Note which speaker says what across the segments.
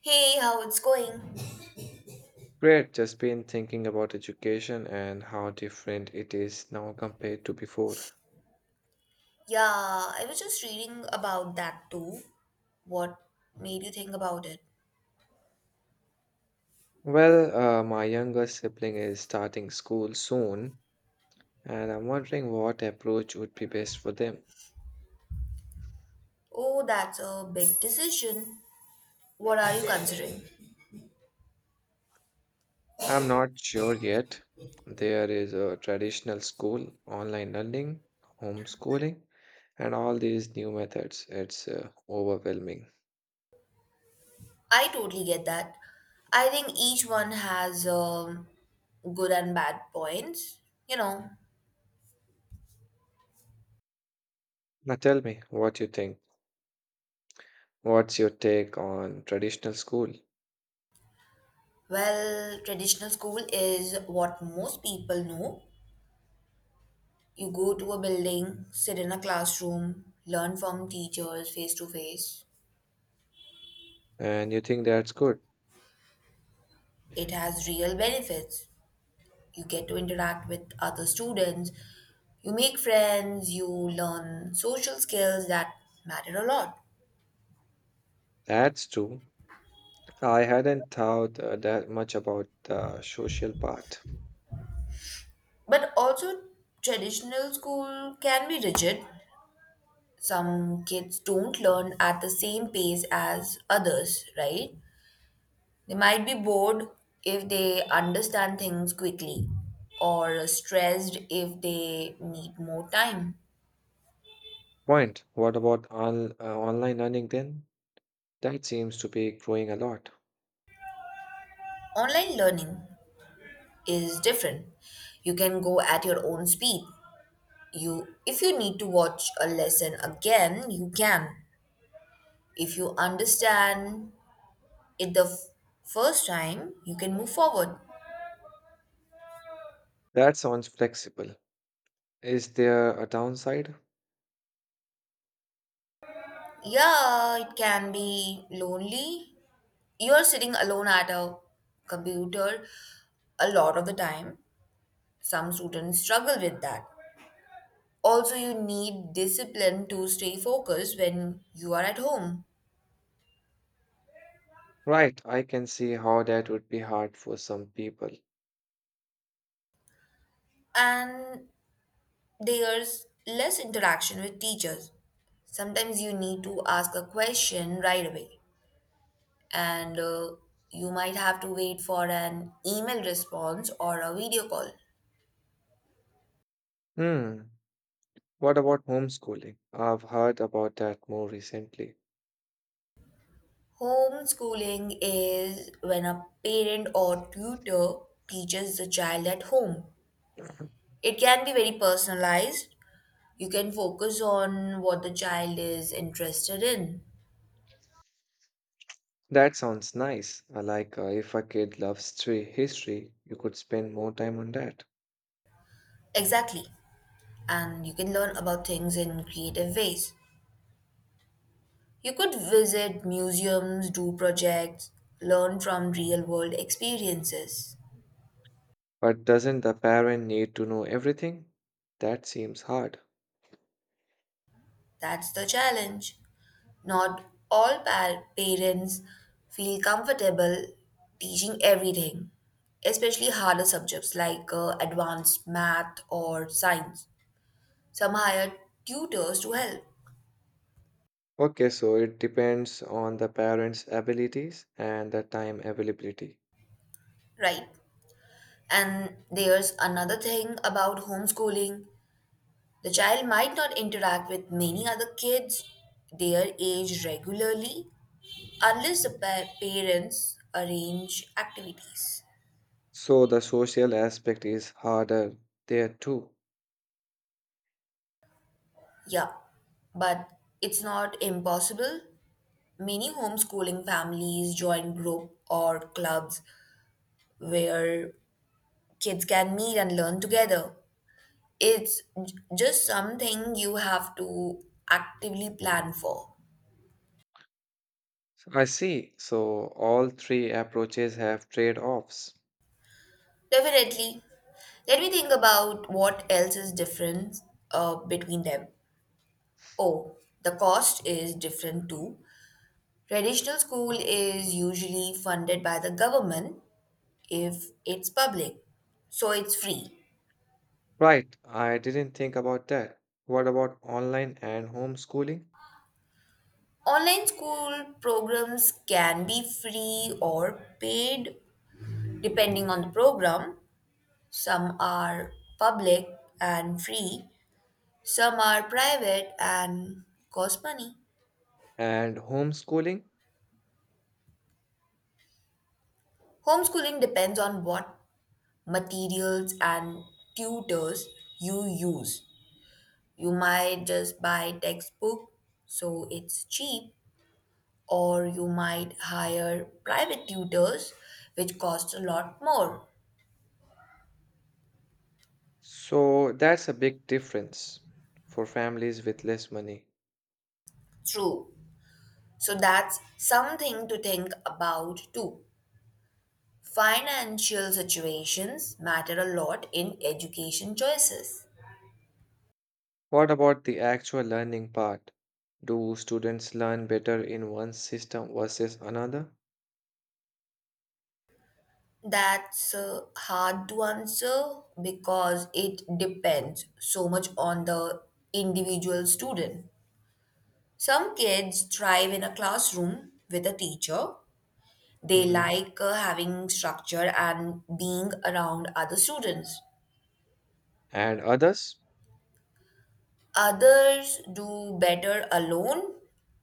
Speaker 1: Hey, how it's going?
Speaker 2: Great, just been thinking about education and how different it is now compared to before.
Speaker 1: Yeah, I was just reading about that too. What made you think about it?
Speaker 2: Well, my younger sibling is starting school soon, and I'm wondering what approach would be best for them.
Speaker 1: Oh, that's a big decision. What are you considering?
Speaker 2: I'm not sure yet. There is a traditional school, online learning, homeschooling, and all these new methods. It's overwhelming.
Speaker 1: I totally get that. I think each one has good and bad points. You know,
Speaker 2: Now tell me what you think. What's your take on traditional school?
Speaker 1: well, traditional school is what most people know. You go to a building, sit in a classroom, learn from teachers face to face.
Speaker 2: And you think that's good?
Speaker 1: It has real benefits, you get to interact with other students, you make friends, you learn social skills that matter a lot.
Speaker 2: That's true. I hadn't thought that much about the social part.
Speaker 1: But also, traditional school can be rigid. Some kids don't learn at the same pace as others, right? They might be bored if they understand things quickly or stressed if they need more time.
Speaker 2: Point. What about on, online learning then? That seems to be growing a lot.
Speaker 1: Online learning is different. You can go at your own speed, you if you need to watch a lesson again you can, if you understand it first time you can move forward.
Speaker 2: That sounds flexible. Is there a downside?
Speaker 1: Yeah, it can be lonely, you're sitting alone at a computer a lot of the time, some students struggle with that. Also you need discipline to stay focused when you are at home.
Speaker 2: Right, I can see how that would be hard for some people.
Speaker 1: And there's less interaction with teachers. Sometimes you need to ask a question right away, and you might have to wait for an email response or a video call.
Speaker 2: Hmm. What about homeschooling? I've heard about that more recently.
Speaker 1: Homeschooling is when a parent or tutor teaches the child at home. It can be very personalized. You can focus on what the child is interested in.
Speaker 2: That sounds nice. I like if a kid loves history, history, you could spend more time on that.
Speaker 1: Exactly. And you can learn about things in creative ways. You could visit museums, do projects, learn from real world experiences.
Speaker 2: But doesn't the parent need to know everything? That seems hard.
Speaker 1: That's the challenge. Not all parents feel comfortable teaching everything, especially harder subjects like advanced math or science. Some hire tutors to help,
Speaker 2: Okay, so it depends on the parents' abilities and the time availability.
Speaker 1: right? And there's another thing about homeschooling, the child might not interact with many other kids their age regularly, unless the parents arrange activities.
Speaker 2: So the social aspect is harder there too.
Speaker 1: Yeah, but it's not impossible. Many homeschooling families join group or clubs where kids can meet and learn together. It's just something you have to actively plan for.
Speaker 2: I see. So all three approaches have trade-offs.
Speaker 1: Definitely. Let me think about what else is different between them. Oh, the cost is different too. Traditional school is usually funded by the government if it's public, so it's free.
Speaker 2: Right, I didn't think about that. What about online and homeschooling?
Speaker 1: Online school programs can be free or paid depending on the program. Some are public and free, some are private and cost money.
Speaker 2: And homeschooling?
Speaker 1: Homeschooling depends on what materials and tutors you use. You might just buy textbook so it's cheap, or you might hire private tutors, which cost a lot more.
Speaker 2: So that's a big difference for families with less money.
Speaker 1: True. So that's something to think about too. Financial situations matter a lot in education choices.
Speaker 2: What about the actual learning part? Do students learn better in one system versus another?
Speaker 1: That's hard to answer because it depends so much on the individual student. Some kids thrive in a classroom with a teacher. They
Speaker 2: Mhm.
Speaker 1: like having structure and being around other students.
Speaker 2: And others?
Speaker 1: Others do better alone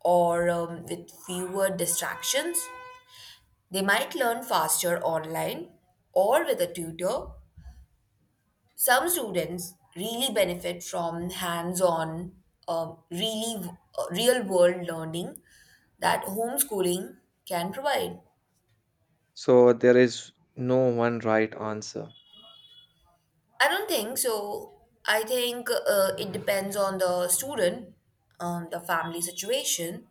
Speaker 1: or with fewer distractions. They might learn faster online or with a tutor. Some students really benefit from hands on, um, really real world learning that homeschooling can provide.
Speaker 2: So there is no one right answer.
Speaker 1: I don't think so. I think it depends on the student, the family situation,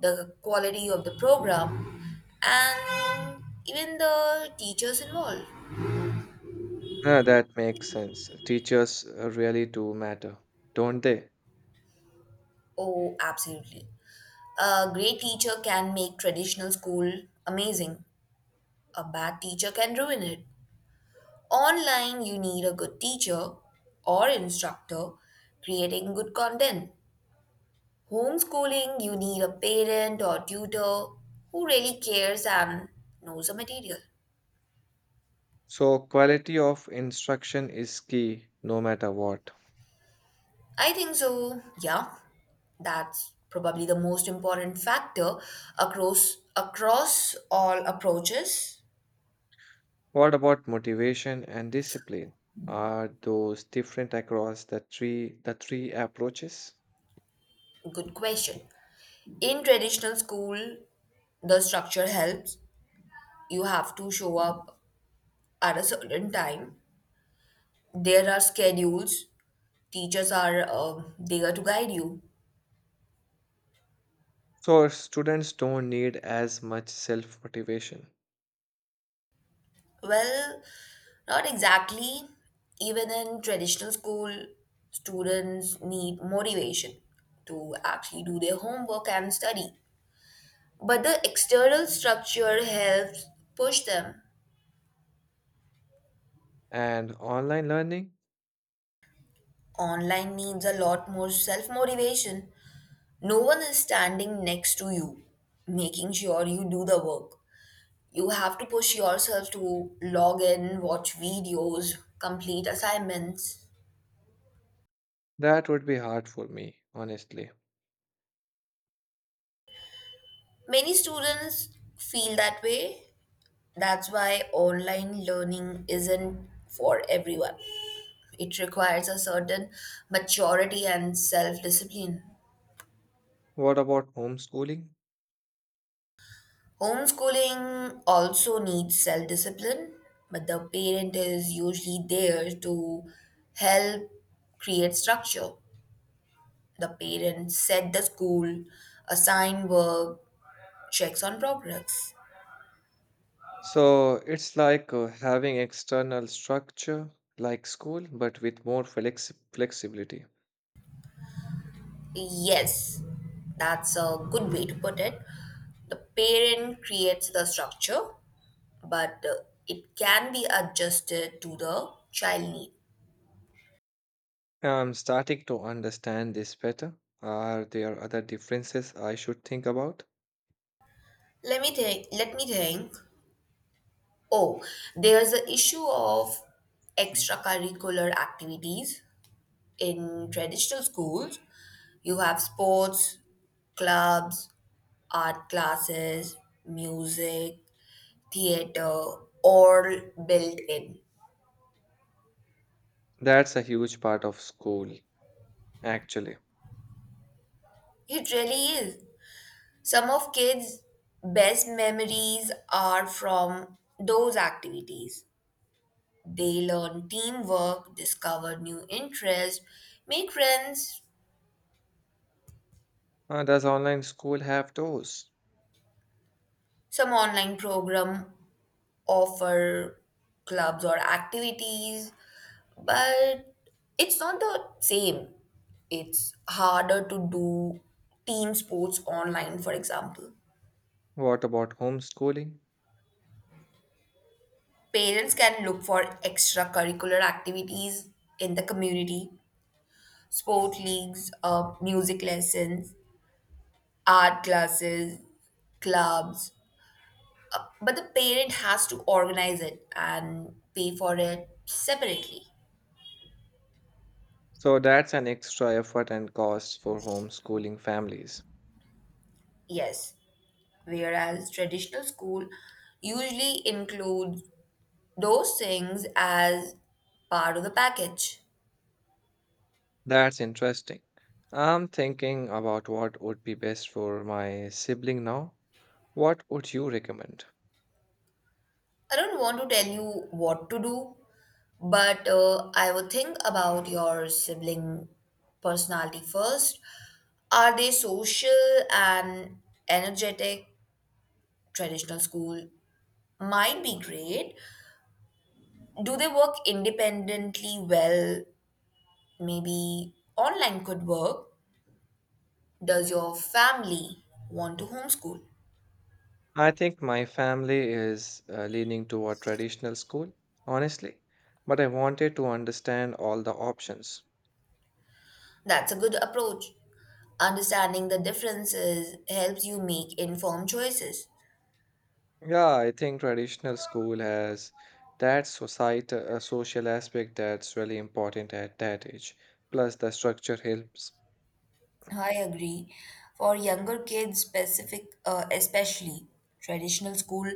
Speaker 1: the quality of the program, and even the teachers involved.
Speaker 2: Ah, that makes sense. Teachers really do matter, don't they?
Speaker 1: Oh, absolutely. A great teacher can make traditional school amazing, a bad teacher can ruin it. Online, you need a good teacher or instructor creating good content. Homeschooling, you need a parent or tutor who really cares and knows the material.
Speaker 2: So quality of instruction is key no matter what.
Speaker 1: I think so, yeah. That's probably the most important factor across all approaches.
Speaker 2: What about motivation and discipline? Are those different across the three approaches?
Speaker 1: Good question. In traditional school, the structure helps. You have to show up at a certain time. There are schedules. Teachers are there to guide you.
Speaker 2: So students don't need as much self motivation.
Speaker 1: Well, not exactly. Even in traditional school, students need motivation to actually do their homework and study. But the external structure helps push them.
Speaker 2: And online learning,
Speaker 1: Online needs a lot more self motivation. No one is standing next to you, making sure you do the work. You have to push yourself to log in, watch videos, complete assignments.
Speaker 2: that would be hard for me, honestly.
Speaker 1: Many students feel that way. That's why online learning isn't for everyone. It requires a certain maturity and self discipline.
Speaker 2: What about homeschooling?
Speaker 1: Homeschooling also needs self discipline, but the parent is usually there to help create structure. The parent set the school, assign work, checks on progress.
Speaker 2: So it's like having external structure like school, but with more flexibility.
Speaker 1: Yes, that's a good way to put it. The parent creates the structure but it can be adjusted to the child need.
Speaker 2: I'm starting to understand this better. Are there other differences I should think about?
Speaker 1: Let me think. Let me think. Oh, there's the issue of
Speaker 2: Mhm.
Speaker 1: extracurricular activities in traditional schools. You have sports, clubs, art classes, music, theater, all built in.
Speaker 2: That's a huge part of school, actually.
Speaker 1: It really is. Some of kids' best memories are from those activities. They learn teamwork, discover new interests, make friends.
Speaker 2: Does online school have those?
Speaker 1: Some online program offer clubs or activities, but it's not the same. It's harder to do team sports online, for example.
Speaker 2: What about homeschooling?
Speaker 1: Parents can look for extracurricular activities in the community, sport leagues, music lessons, art classes, clubs, but the parent has to organize it and pay for it separately.
Speaker 2: So that's an extra effort and cost for homeschooling families.
Speaker 1: Yes, whereas traditional school usually includes those things as part of the package.
Speaker 2: That's interesting. I'm thinking about what would be best for my sibling now. What would you recommend?
Speaker 1: I don't want to tell you what to do, but I would think about your sibling personality first. Are they social and energetic? Traditional school might be great. Do they work independently well? Maybe online could work. Does your family want to homeschool?
Speaker 2: I think my family is leaning toward traditional school, honestly, but I wanted to understand all the options.
Speaker 1: That's a good approach. Understanding the differences helps you make informed choices.
Speaker 2: Yeah, I think traditional school has that societal social aspect that's really important at that age. Plus, the structure helps.
Speaker 1: I agree. For younger kids, especially, traditional school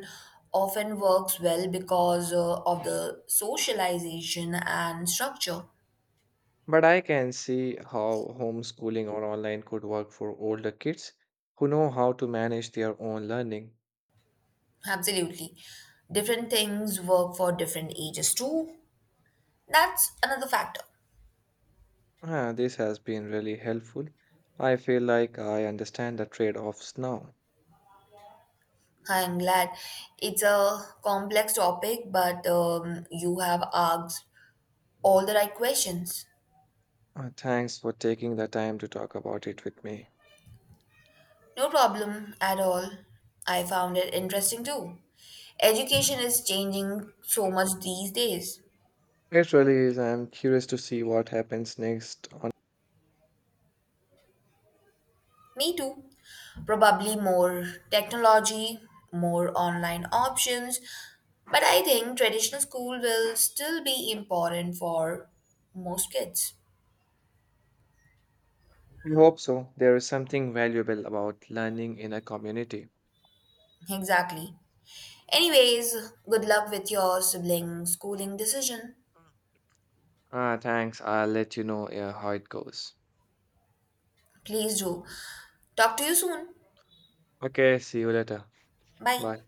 Speaker 1: often works well because of the socialization and structure.
Speaker 2: But I can see how homeschooling or online could work for older kids who know how to manage their own learning.
Speaker 1: Absolutely. Different things work for different ages too. That's another factor.
Speaker 2: Ah, this has been really helpful. I feel like I understand the trade offs now.
Speaker 1: I'm glad, it's a complex topic, but you have asked all the right questions.
Speaker 2: Ah, thanks for taking the time to talk about it with me.
Speaker 1: No problem at all. I found it interesting too. Education is changing so much these days.
Speaker 2: It really is. I'm curious to see what happens next. On.
Speaker 1: Me too. Probably more technology, more online options, but I think traditional school will still be important for most kids.
Speaker 2: I hope so. There is something valuable about learning in a community.
Speaker 1: Exactly. Anyways, good luck with your sibling schooling decision.
Speaker 2: Ah, thanks. I'll let you know how it goes.
Speaker 1: Please do. Talk to you soon.
Speaker 2: Okay, see you later.
Speaker 1: Bye.
Speaker 2: Bye.